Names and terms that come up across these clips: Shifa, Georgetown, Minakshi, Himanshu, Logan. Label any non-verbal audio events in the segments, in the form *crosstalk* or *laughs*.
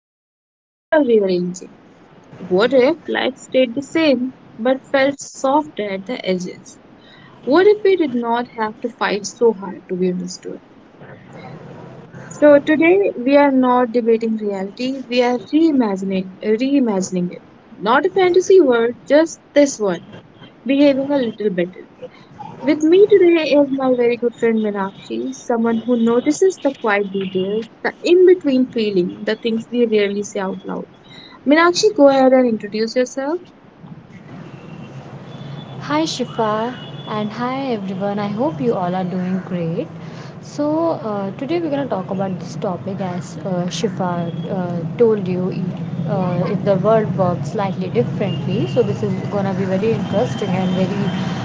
just a gentle rearranging? What if life stayed the same but felt softer at the edges? What if we did not have to fight so hard to be understood? So today we are not debating reality, we are reimagining it. Not a fantasy world, just this one, behaving a little better. With me today is my very good friend Minakshi, someone who notices the quiet details, the in-between feeling, the things we rarely say out loud. Minakshi, go ahead and introduce yourself. Hi Shifa and hi everyone. I hope you all are doing great. So today we're gonna talk about this topic as Shifa told you. If the world works slightly differently, so this is gonna be very interesting and very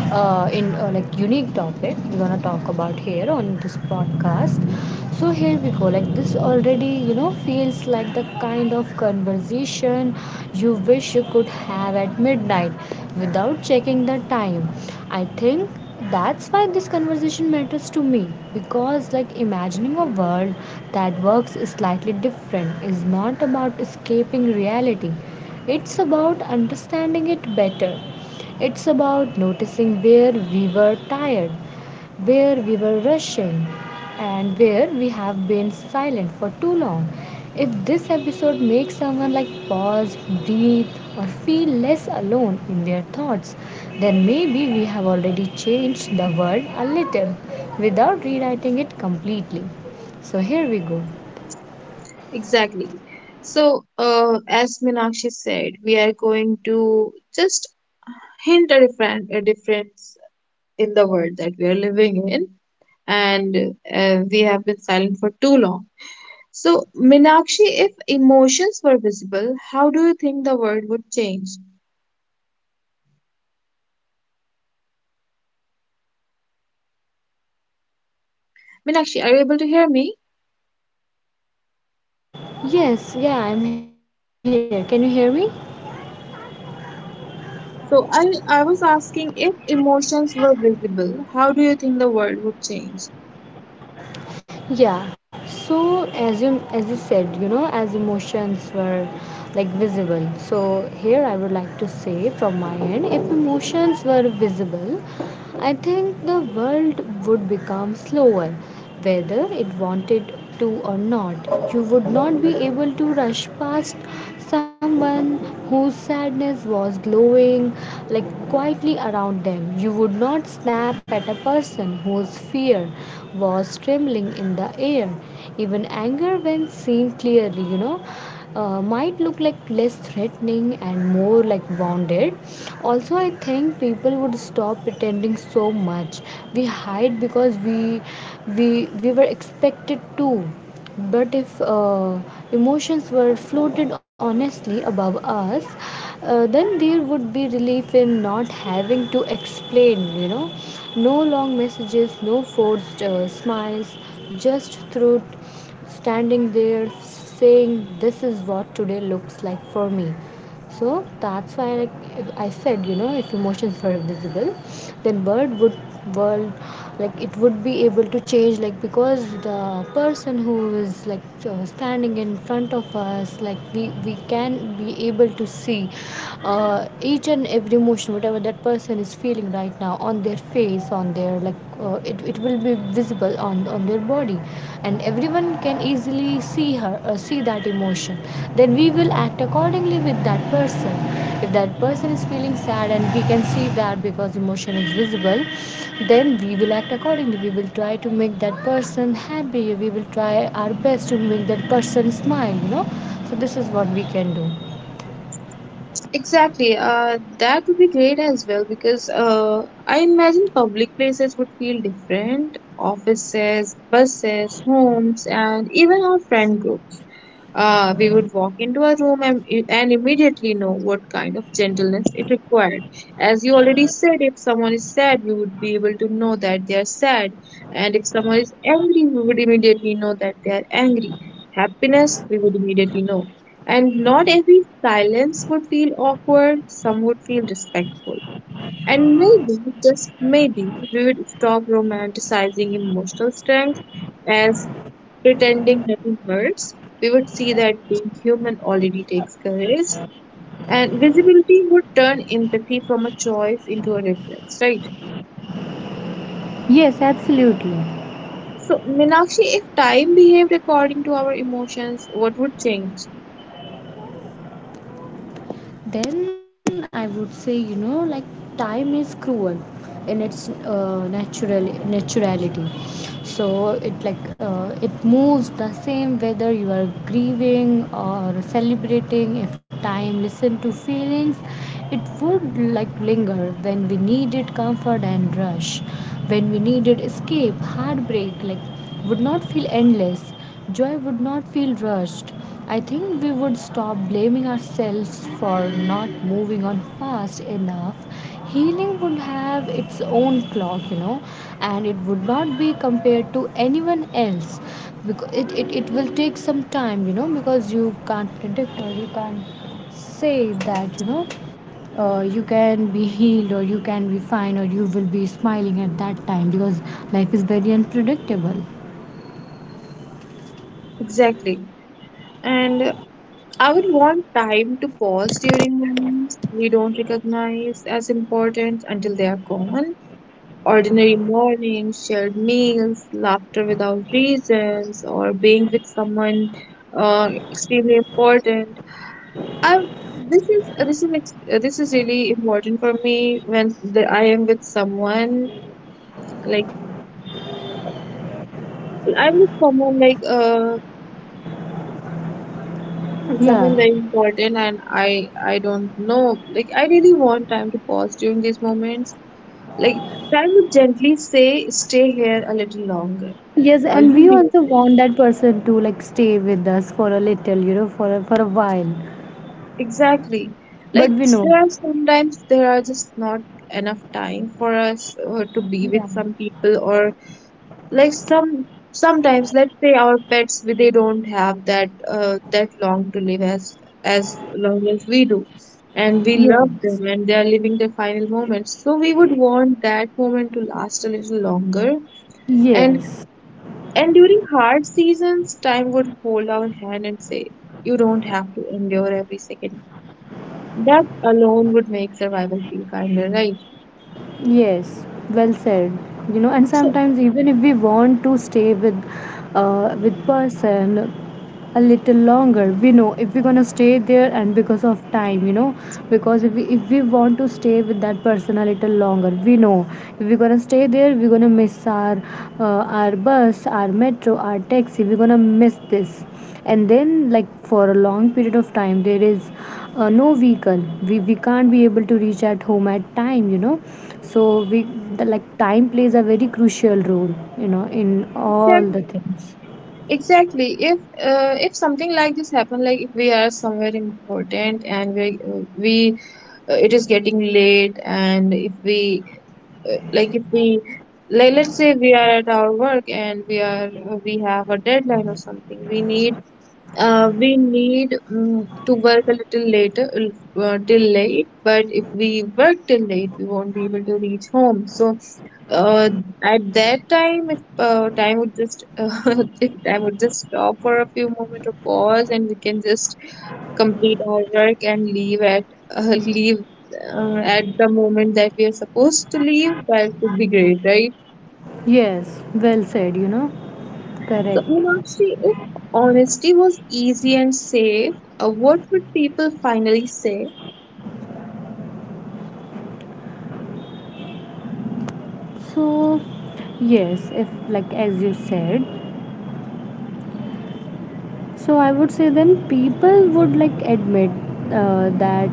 in like unique topic we're gonna talk about here on this podcast. So here we go, like this already, feels like the kind of conversation you wish you could have at midnight without checking the time. I think that's why this conversation matters to me because, like, imagining a world that works slightly different is not about escaping reality, it's about understanding it better. It's about noticing where we were tired, where we were rushing and where we have been silent for too long. If this episode makes someone like pause, breathe, or feel less alone in their thoughts, then maybe we have already changed the world a little without rewriting it completely. So here we go. Exactly. So, as Minakshi said, we are going to just hint a difference in the world that we are living in, and we have been silent for too long. So, Minakshi, if emotions were visible, how do you think the world would change? Minakshi, are you able to hear me? Yes, yeah, I'm here. Can you hear me? So, I was asking if emotions were visible, how do you think the world would change? Yeah, so as you said, as emotions were like visible. So here I would like to say from my end, if emotions were visible, I think the world would become slower whether it wanted to or not. You would not be able to rush past someone whose sadness was glowing like quietly around them. You would not snap at a person whose fear was trembling in the air. Even anger, when seen clearly, might look like less threatening and more like bounded. Also, I think people would stop pretending so much. We hide because we we were expected to, but if emotions were floated honestly above us, then there would be relief in not having to explain. No long messages, no forced smiles, just truth standing there saying this is what today looks like for me. So that's why I said, if emotions were visible, then bird would world, like, it would be able to change, like, because the person who is, like, standing in front of us, like, we can be able to see each and every emotion whatever that person is feeling right now on their face, on their, like, it will be visible on their body, and everyone can easily see that emotion. Then we will act accordingly with that person. If that person is feeling sad and we can see that, because emotion is visible, then we will act accordingly. We will try to make that person happy, we will try our best to make that person smile. So this is what we can do. Exactly. That would be great as well because I imagine public places would feel different. Offices, buses, homes, and even our friend group. We would walk into a room and immediately know what kind of gentleness it required. As you already said, if someone is sad, we would be able to know that they are sad. And if someone is angry, we would immediately know that they are angry. Happiness, we would immediately know. And not every silence would feel awkward, some would feel respectful. And maybe, just maybe, we would stop romanticizing emotional strength as pretending nothing hurts, we would see that being human already takes courage, and visibility would turn empathy from a choice into a reflex, right? Yes, absolutely. So, Minakshi, if time behaved according to our emotions, what would change? Then I would say, like, time is cruel in its naturality. So it moves the same whether you are grieving or celebrating. If time listen to feelings, it would, like, linger when we needed comfort and rush when we needed escape. Heartbreak, like, would not feel endless. Joy would not feel rushed. I think we would stop blaming ourselves for not moving on fast enough. Healing would have its own clock, and it would not be compared to anyone else because it will take some time, because you can't predict or you can't say that, you know. You can be healed or you can be fine or you will be smiling at that time because life is very unpredictable. Exactly. And I would want time to pause during moments we don't recognize as important until they are gone. Ordinary mornings, shared meals, laughter without reasons, or being with someone extremely important. I this is ex- This is really important for me when I am with someone like I'm with someone like uh Yeah. someone very important and I don't know, like I really want time to pause during these moments. Like, time would gently say stay here a little longer Yes, or and you we need also want that person to, like, stay with us for a little, for a while. Exactly. But we know. There are sometimes there are just not enough time for us to be Yeah. with some people or like some sometimes, let's say our pets, they don't have that that long to live as long as we do, and we love them Yes. and they are living their final moments, so we would want that moment to last a little longer. and Yes. and during hard seasons, time would hold our hand and say you don't have to endure every second. That alone would make survival feel kinder, right? Yes. Well said. You know, and So sometimes even if we want to stay with person, a little longer we know if we're gonna stay there and because of time. Because if we want to stay with that person a little longer, we know if we're gonna stay there we're gonna miss uh, our bus, our metro, our taxi, we're gonna miss this. And then, like, for a long period of time there is no vehicle, we can't be able to reach at home at time, you know. So like, time plays a very crucial role, in all the exactly, things. exactly. If something like this happened, like if we are somewhere important and we it is getting late, and if we like if we like let's say we are at our work and we have a deadline or something, we need to work a little later, till late, but if we work till late, we won't be able to reach home. So, uh, at that time, if time would just *laughs* if time would just stop for a few moments or pause, and we can just complete our work and leave at uh, *laughs* leave at the moment that we are supposed to leave, that would be great, right? Yes, well said. So, Correct. Meenakshi, if honesty was easy and safe, what would people finally say? So, yes, if like as you said, so I would say then people would, like, admit that,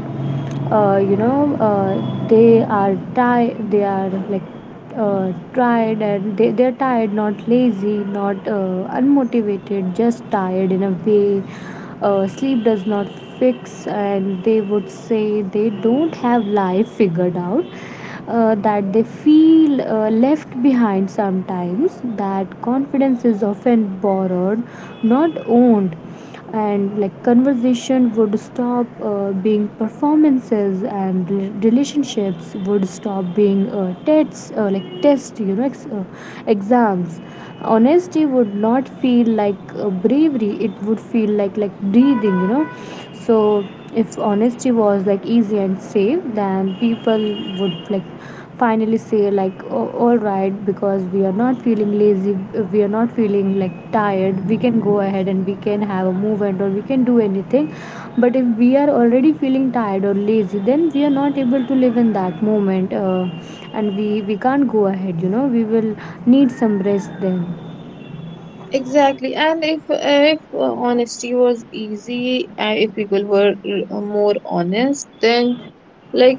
uh, you know uh, they are tired, they are like tired and they, they're tired, not lazy, not unmotivated, just tired in a way sleep does not fix, and they would say they don't have life figured out, that they feel left behind sometimes, that confidence is often borrowed, not owned. And, like, conversation would stop being performances, and relationships would stop being tests, like tests, exams. Honesty would not feel like bravery, it would feel like breathing. So if honesty was, like, easy and safe, then people would, like, finally say, like, oh, all right, because we are not feeling lazy, we are not feeling, like, tired, we can go ahead and we can have a movement or we can do anything. But if we are already feeling tired or lazy, then we are not able to live in that moment, and we can't go ahead, we will need some rest then. Exactly, and if honesty was easy, if people were more honest, then like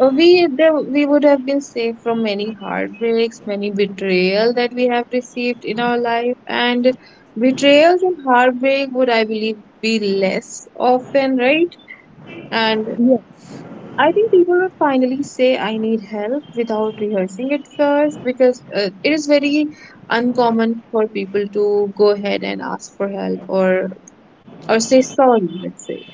we would have been safe from many heartbreaks, many betrayal that we have received in our life, and betrayals and heartbreak would, I believe, be less often, right? And Yes. I think people would finally say I need help without rehearsing it first, because it is very uncommon for people to go ahead and ask for help or say sorry, let's say.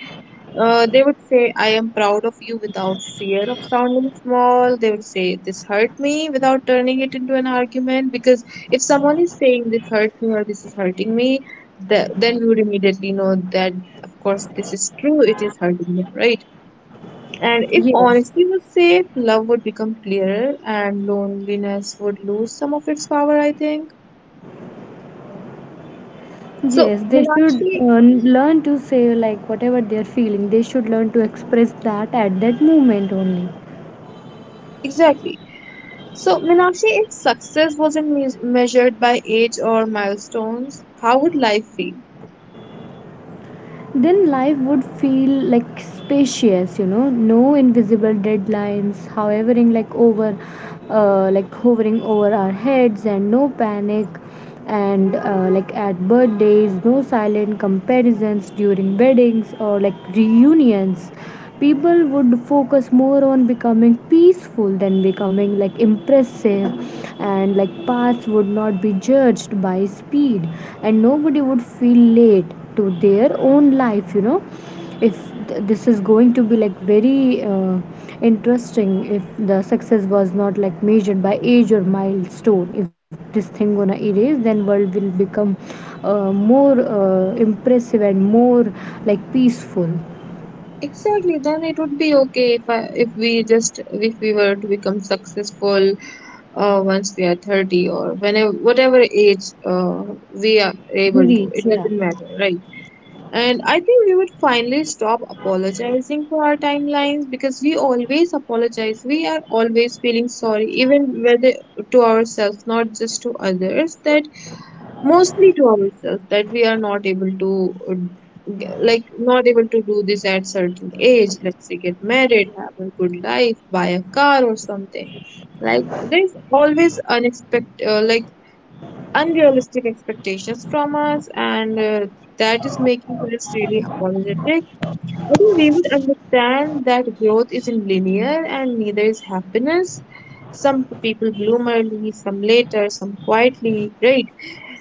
They would say I am proud of you without fear of sounding small. They would say this hurt me without turning it into an argument, because if someone is saying this hurt me or this is hurting me, then we would immediately know that of course this is true, it is hurting them, right? And if Yes. honesty was safe, love would become clearer and loneliness would lose some of its power, I think. So, Yes, they should Meenakshi, learn to say, like, whatever they are feeling. They should learn to express that at that moment only. exactly. So, Meenakshi, if success wasn't measured by age or milestones, how would life feel? Then life would feel, like, spacious, no invisible deadlines, like hovering over our heads, and no panic, and like, at birthdays, no silent comparisons during weddings or like reunions. People would focus more on becoming peaceful than becoming, like, impressive, and, like, paths would not be judged by speed, and nobody would feel late to their own life, you know. If this is going to be, like, very interesting, if the success was not, like, measured by age or milestone, if this thing gonna erase, then world will become more impressive and more like peaceful. Exactly, then it would be okay if we just if we were to become successful once we are 30 or whenever whatever age we are able to, Village, it yeah. doesn't matter, right? And I think we would finally stop apologizing for our timelines, because we always apologize. We are always feeling sorry, even whether to ourselves, not just to others, that mostly to ourselves, that we are not able to, like, not able to do this at certain age. Let's say get married, have a good life, buy a car or something. Like, there's always unexpected, unrealistic expectations from us and that is making us really apologetic. I think we would understand that growth isn't linear and neither is happiness. Some people bloom early, some later, some quietly, right?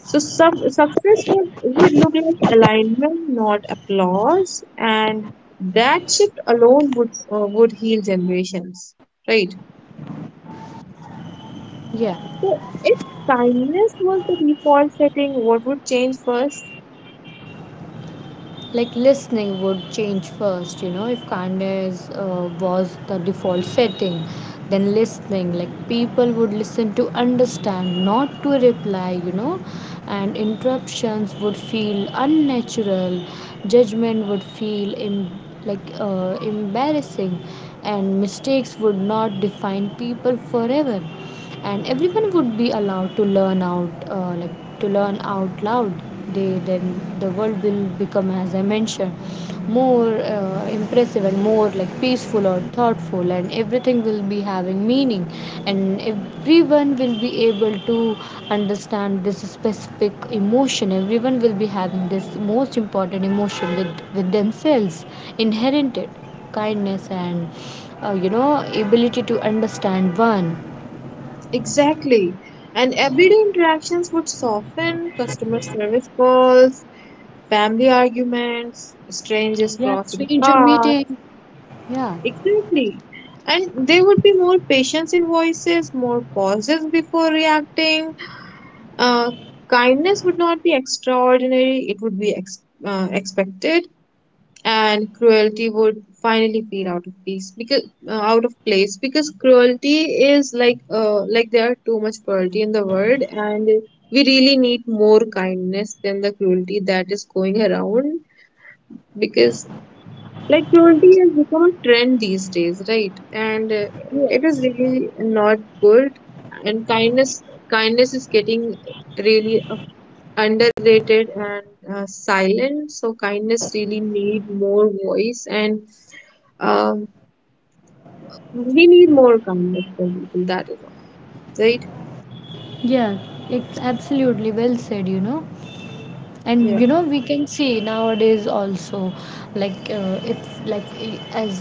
So some success would look like alignment, not applause, and that shift alone would heal generations, right? Yeah, So if kindness was the default setting, what would change first? like listening would change first, if kindness was the default setting, then listening, like, people would listen to understand, not to reply, and interruptions would feel unnatural, judgment would feel embarrassing, and mistakes would not define people forever, and everyone would be allowed to like to learn out loud. They Then the world will become, as I mentioned, more impressive and more like peaceful or thoughtful, and everything will be having meaning, and everyone will be able to understand this specific emotion. Everyone will be having this most important emotion with themselves, inherited kindness and, uh, you know ability to understand one. Exactly. And everyday interactions would soften customer service calls, family arguments, strangers Yeah, crossing stranger paths. meeting. Exactly. And there would be more patience in voices, more pauses before reacting. Uh, Kindness would not be extraordinary, it would be expected, and cruelty would finally feel out of place, because cruelty is there are too much cruelty in the world, and we really need more kindness than the cruelty that is going around, because like cruelty has become a trend these days, right? And Yeah. it is really not good. And kindness is getting really underrated and silent, so kindness really need more voice and um, we need more kindness from people. That is all, right? Yeah, it's absolutely well said, and Yeah, we can see nowadays also, like if like, as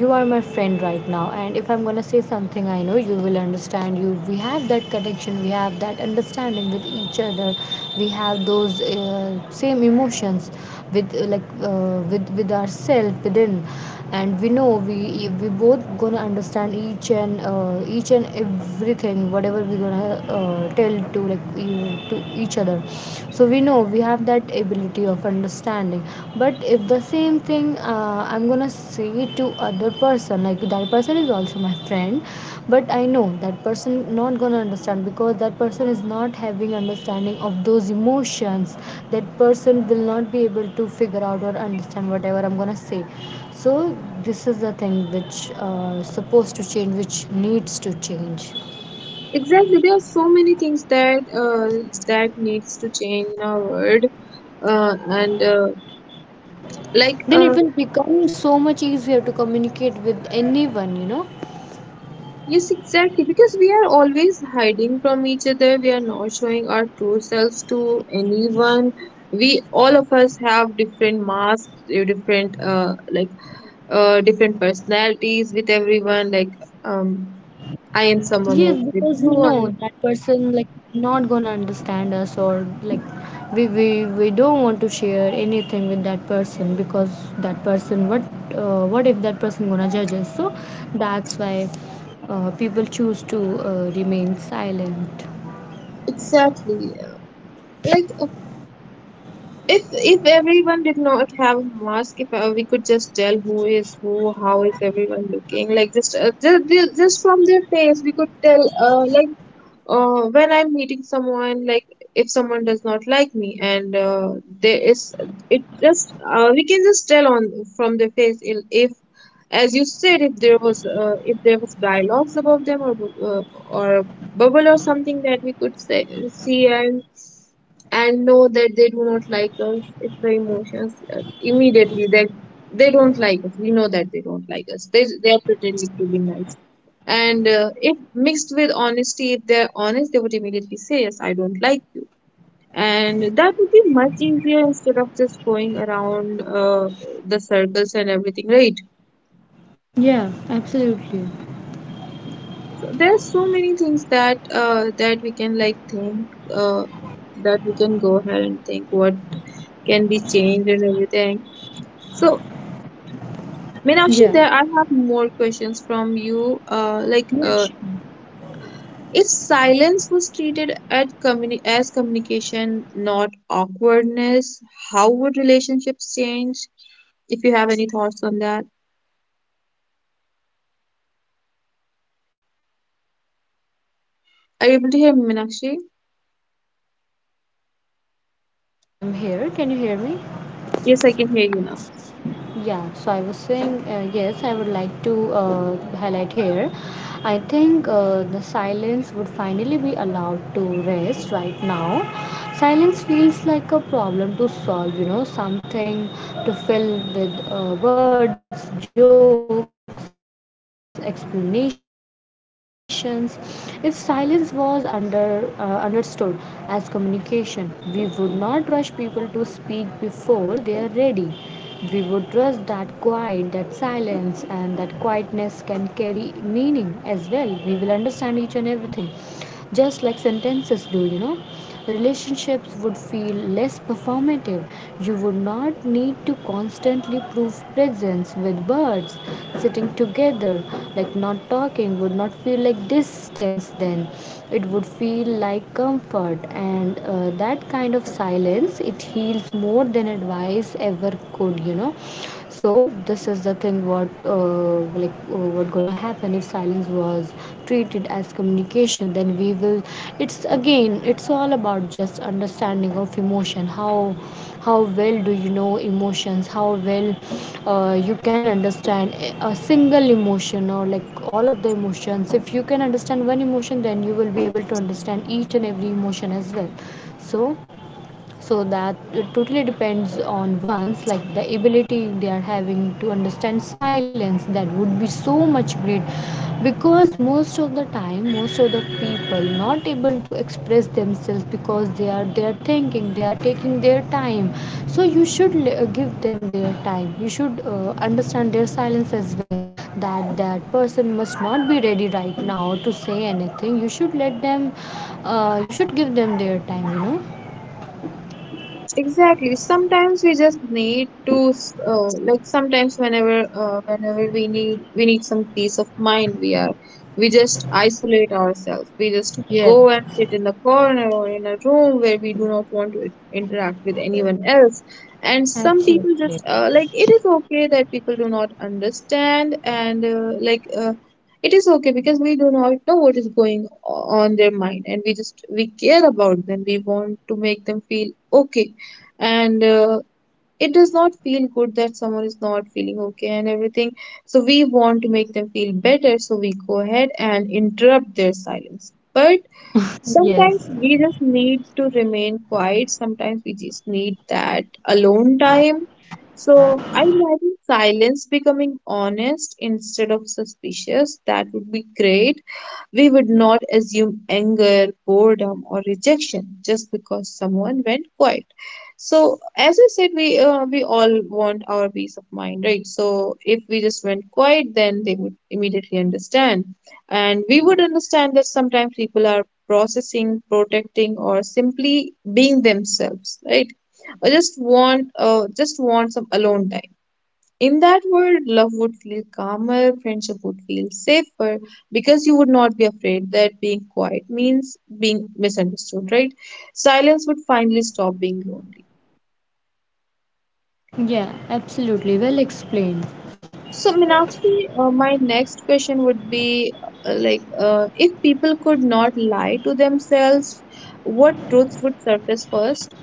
you are my friend right now, and if I'm gonna say something, I know you will understand you We have that connection, we have that understanding with each other, we have those same emotions with ourselves within, and we know we both gonna understand each and everything whatever we're gonna tell to like to each other. So we know we have that ability of understanding. But if the same thing, I'm gonna say to other person, like, that person is also my friend, but I know that person not gonna understand because that person is not having understanding of those emotions. That person will not be able to figure out or understand whatever I'm gonna say. So this is the thing which supposed to change, which needs to change. exactly. There are so many things that that needs to change in our world. And like Then it will become so much easier to communicate with anyone. yes, exactly. Because we are always hiding from each other. We are not showing our true selves to anyone. We all of us have different masks, uh, different uh like different personalities with everyone. Like um, I am someone Yes, else with because we you. know I am that person, like, not gonna understand us, or like we don't want to share anything with that person, because that person, what if that person gonna judge us. So that's why people choose to remain silent. exactly. Like if everyone did not have a mask, if we could just tell who is who, how is everyone looking like, just just from their face we could tell like when I'm meeting someone, like if someone does not like me and there is it just we can just tell on from their face. If as you said, if there was dialogues about them or bu- or a bubble or something that we could see and know that they do not like us, it's the emotions immediately that they don't like us, we know that they don't like us, they are pretending to be nice. And if mixed with honesty, if they're honest, they would immediately say yes, I don't like you, and that would be much easier instead of just going around the circles and everything, right? Yeah, absolutely. There's so many things that that we can like think uh, that we can go ahead and think what can be changed and everything. So, Meenakshi, Yeah, there I have more questions from you. Yeah, sure. If silence was treated at communi as communication, not awkwardness, how would relationships change? If you have any thoughts on that, Sure, I would like to highlight here. I think silence would are you able finally to hear be. me, Meenakshi? Yes, yes, I am here. Can you hear me? Yes, I can hear you now. Yeah, so I was saying, yes, I would like to highlight here. I think the silence would finally be allowed to rest right now. Silence feels like a problem to solve, something to fill with words, jokes, explanations. If silence was understood as communication, we would not rush people to speak before they are ready. We would trust that quiet, that silence, and that quietness can carry meaning as well. We will understand each and everything just like sentences do. Relationships would feel less performative. You would not need to constantly prove presence with words. Sitting together, like not talking, would not feel like distance then. It would feel like comfort, and that kind of silence it heals more than advice ever could. So this is the thing what gonna happen if silence was treated as communication, then we will it's again, it's all about just understanding of emotion. How well do you know emotions? How well you can understand a single emotion, or like all of the emotions. If you can understand one emotion, then you will be able to understand each and every emotion as well. So so that, it totally depends on one's, like, the ability they are having to understand silence. That would be so much great, because most of the time, most of the people not able to express themselves because they are thinking, they are taking their time. So you should give them their time. You should understand their silence as well. That person must not be ready right now to say anything. You should let them. You should give them their time. Exactly. Sometimes we just need to, like sometimes whenever, whenever we need some peace of mind. We are, we just isolate ourselves. We just Yes. go and sit in the corner or in a room where we do not want to interact with anyone else. And some people just, Absolutely. Like it is okay that people do not understand and it is okay because we do not know what is going on their mind, and we just we care about them, we want to make them feel okay and it does not feel good that someone is not feeling okay and everything, so we want to make them feel better, so we go ahead and interrupt their silence. But sometimes Yes, we just need to remain quiet, sometimes we just need that alone time. So I imagine silence becoming honest instead of suspicious. That would be great. We would not assume anger, boredom, or rejection just because someone went quiet. So as I said, we all want our peace of mind, right? So if we just went quiet, then they would immediately understand, and we would understand that sometimes people are processing, protecting, or simply being themselves, right? Or just want just want some alone time. In that world, love would feel calmer, friendship would feel safer, because you would not be afraid that being quiet means being misunderstood, right? Silence would finally stop being lonely. yeah, absolutely. Well explained. So, Meenakshi, my next question would be if people could not lie to themselves, what truths would surface first?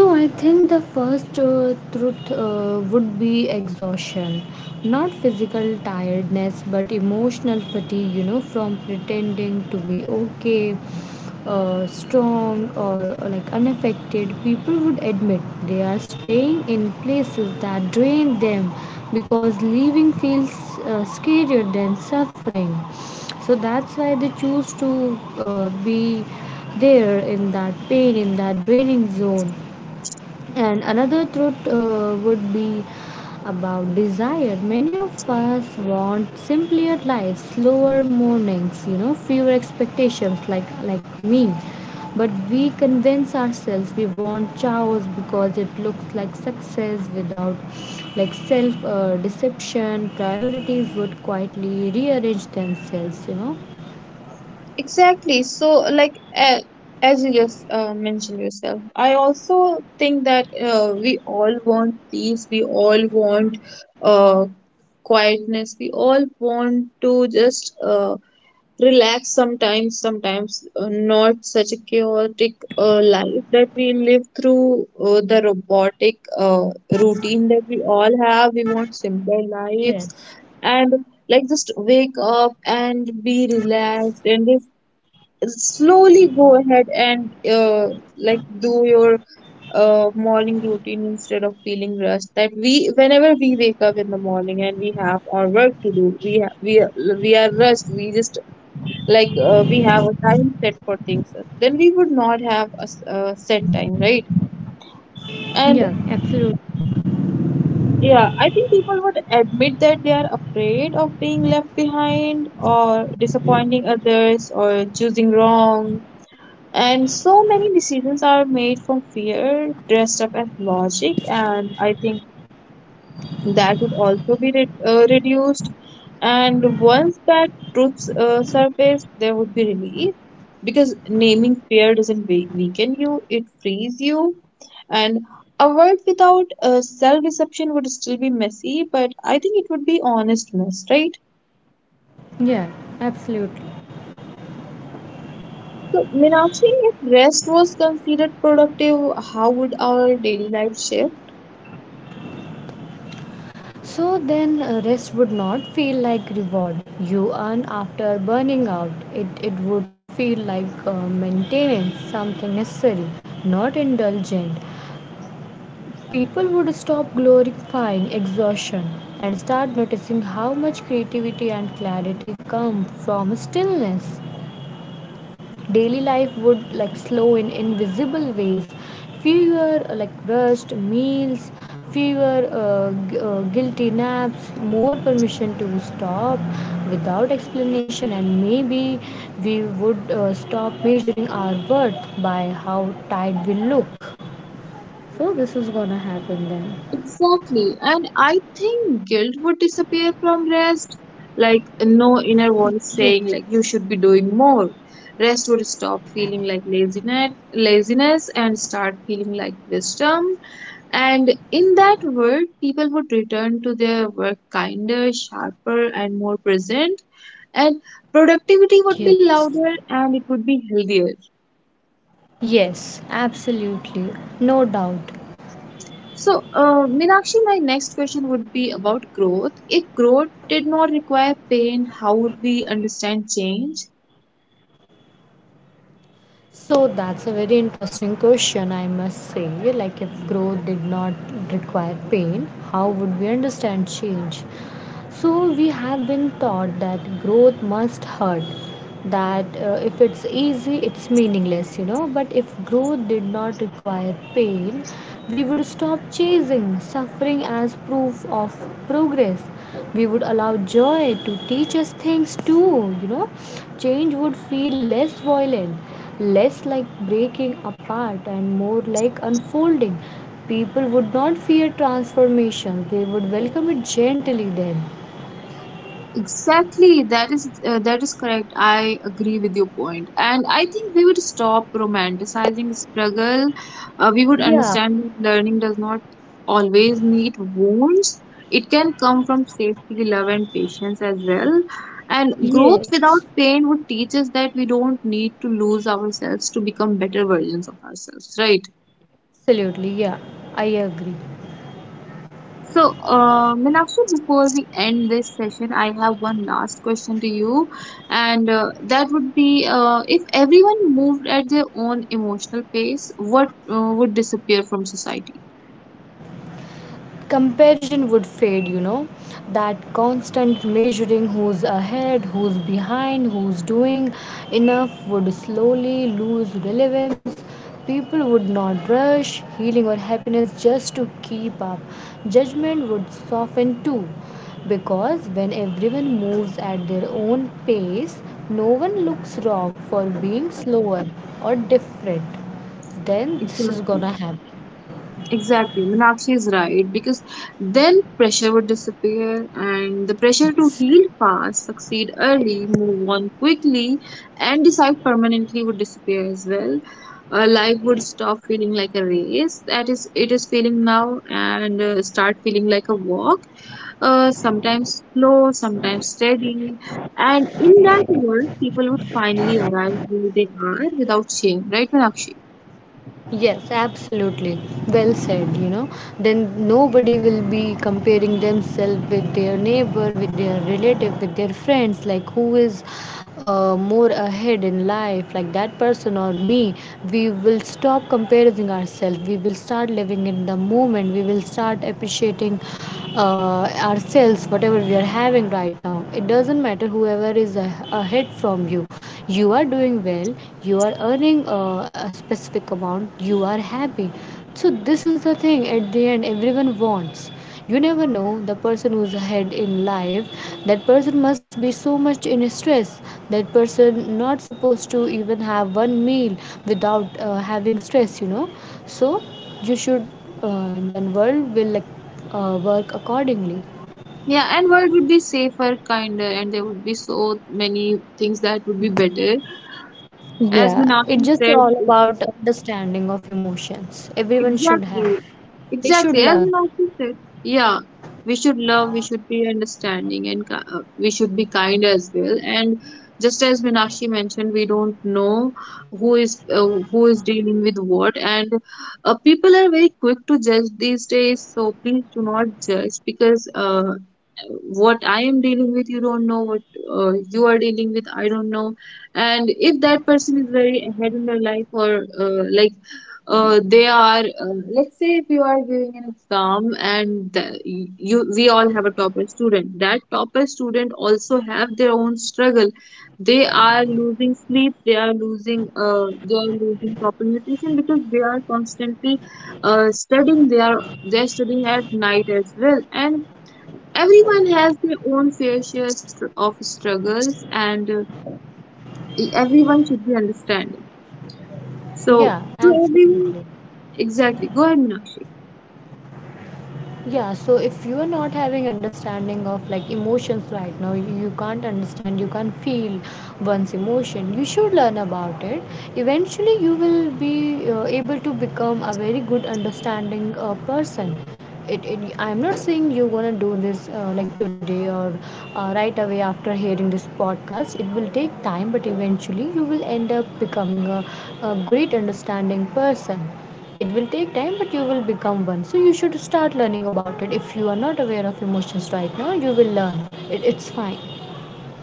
So, I think the first truth would be exhaustion. Not physical tiredness, but emotional fatigue, from pretending to be okay, stormed, or like, unaffected. People would admit they are staying in places that drain them, because leaving feels scarier than suffering. So that's why they choose to be there in that pain, in that draining zone. And another truth would be about desire. Many of us want simpler lives, slower mornings, fewer expectations, like me. But we convince ourselves we want chaos because it looks like success without, like, self deception. Priorities would quietly rearrange themselves. Exactly. So, as you just mentioned yourself, I also think that we all want peace, we all want uh, quietness, we all want to just relax sometimes, not such a chaotic life that we live through, the robotic routine that we all have. We want simpler Yes. lives, and like just wake up and be relaxed and just slowly go ahead and like do your morning routine instead of feeling rushed. That we, whenever we wake up in the morning and we have our work to do, we are rushed, we just like we have a time set for things, then we would not have a a set time, right? Yeah, And absolutely. yeah, I think people would admit that they are afraid of being left behind, or disappointing others, or choosing wrong. And so many decisions are made from fear dressed up as logic, and I think that would also be reduced. And once that truth surfaced, there would be relief, because naming fear doesn't weaken you, it frees you. And a world without self deception would still be messy, but I think it would be honest mess, right? Yeah, absolutely. So, Meenakshi, if rest was considered productive, how would our daily life shift? So then rest would not feel like reward you earn after burning out. It would feel like maintenance, something necessary, not indulgent. People would stop glorifying exhaustion and start noticing how much creativity and clarity come from stillness. Daily life would, like, slow in invisible ways, fewer, like, rushed meals, fewer guilty naps, more permission to stop without explanation. And maybe we would stop measuring our worth by how tired we look. So this is gonna happen then. Exactly. And I think guilt would disappear from rest. Like no inner Yes. voice saying like you should be doing more. Rest would stop feeling like laziness and start feeling like wisdom. And in that world, people would return to their work kinder, sharper, and more present. And productivity would be Yes. louder, and it would be healthier. Yes, absolutely. No doubt. So, Meenakshi, my next question would be about growth. If growth did not require pain, how would we understand change? So that's a very interesting question, I must say. Like, if growth did not require pain, how would we understand change? So we have been taught that growth must hurt, that if it's easy, it's meaningless. But if growth did not require pain, we would stop chasing suffering as proof of progress. We would allow joy to teach us things too. Change would feel less violent, less like breaking apart, and more like unfolding. People would not fear transformation, they would welcome it gently then. Exactly, that is correct. I agree with your point, and I think we would stop romanticizing struggle. We would Yeah, understand that learning does not always need wounds. It can come from safety, love, and patience as well. And growth without yes. pain would teach us that we don't need to lose ourselves to become better versions of ourselves, right? Absolutely, yeah, I agree. So, Meenakshi, before we end this session, I have one last question to you, and that would be if everyone moved at their own emotional pace, what would disappear from society? Comparison would fade. That constant measuring, who's ahead, who's behind, who's doing enough, would slowly lose relevance. People would not rush healing or happiness just to keep up. Judgment would soften too, because when everyone moves at their own pace, no one looks wrong for being slower or different. Then this is Exactly. gonna happen. Exactly, Meenakshi is right, because then pressure would disappear, and the pressure to heal fast, succeed early, move on quickly, and decide permanently would disappear as well. Life would stop feeling like a race that is it is feeling now, and start feeling like a walk, sometimes slow, sometimes steady. And in that world, people would finally arrive where they are without shame, right, Meenakshi? Yes, absolutely. Well said. Then nobody will be comparing themselves with their neighbor, with their relative, with their friends, like who is more ahead in life, like that person or me. We will stop comparing ourselves. We will start living in the moment. We will start appreciating ourselves, whatever we are having right now. It doesn't matter whoever is ahead from you. You are doing well. You are earning a specific amount. You are happy. So this is the thing, at the end everyone wants. You never know, the person who's ahead in life, that person must be so much in stress, that person not supposed to even have one meal without having stress. So you should then world will, like, work accordingly. Yeah, and world would be safer, kinder, and there would be so many things that would be better. As Yeah, it's Meenakshi just said, all about understanding of emotions everyone should exactly. have. They Exactly. should As learn. Himanshu said, yeah, we should love, we should be understanding, and we should be kind as well. And just as Meenakshi mentioned, we don't know who is dealing with what. And people are very quick to judge these days. So please do not judge, because what I am dealing with, you don't know what you are dealing with. I don't know. And if that person is very ahead in their life, or they are, let's say if you are giving an exam, and the, you, we all have a topper student. That topper student also have their own struggle. They are losing sleep, they are losing proper nutrition, because they are constantly studying, they are studying at night as well. And everyone has their own fair share of struggles, and everyone should be understanding, so Yeah, to everyone. absolutely. Exactly, go ahead Meenakshi. Yeah, so if you are not having understanding of, like, emotions right now, you can't understand, you can't feel one's emotion. You should learn about it. Eventually you will be able to become a very good understanding person. It, it i'm not saying you're gonna do this like today or right away after hearing this podcast. It will take time, but eventually you will end up becoming a great understanding person. It will take time, but you will become one. So you should start learning about it. If you are not aware of emotions right now, you will learn. It's fine.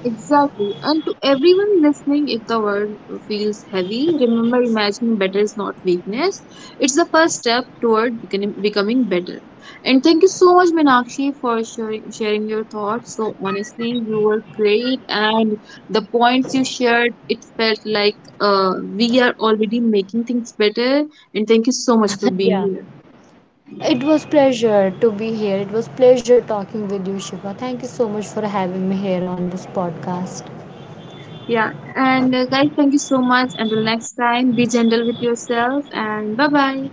Exactly. And to everyone listening, if the world feels heavy, remember imagining better is not weakness. It's the first step toward becoming better. And thank you so much, Meenakshi, for sharing your thoughts. So honestly, you were great, and the points you shared, it felt like we are already making things better. And thank you so much for *laughs* being Yeah, here. it was pleasure to be here. It was pleasure talking with you, Shiva. Thank you so much for having me here on this podcast. Yeah, and guys, thank you so much. Until next time, be gentle with yourself, and bye bye.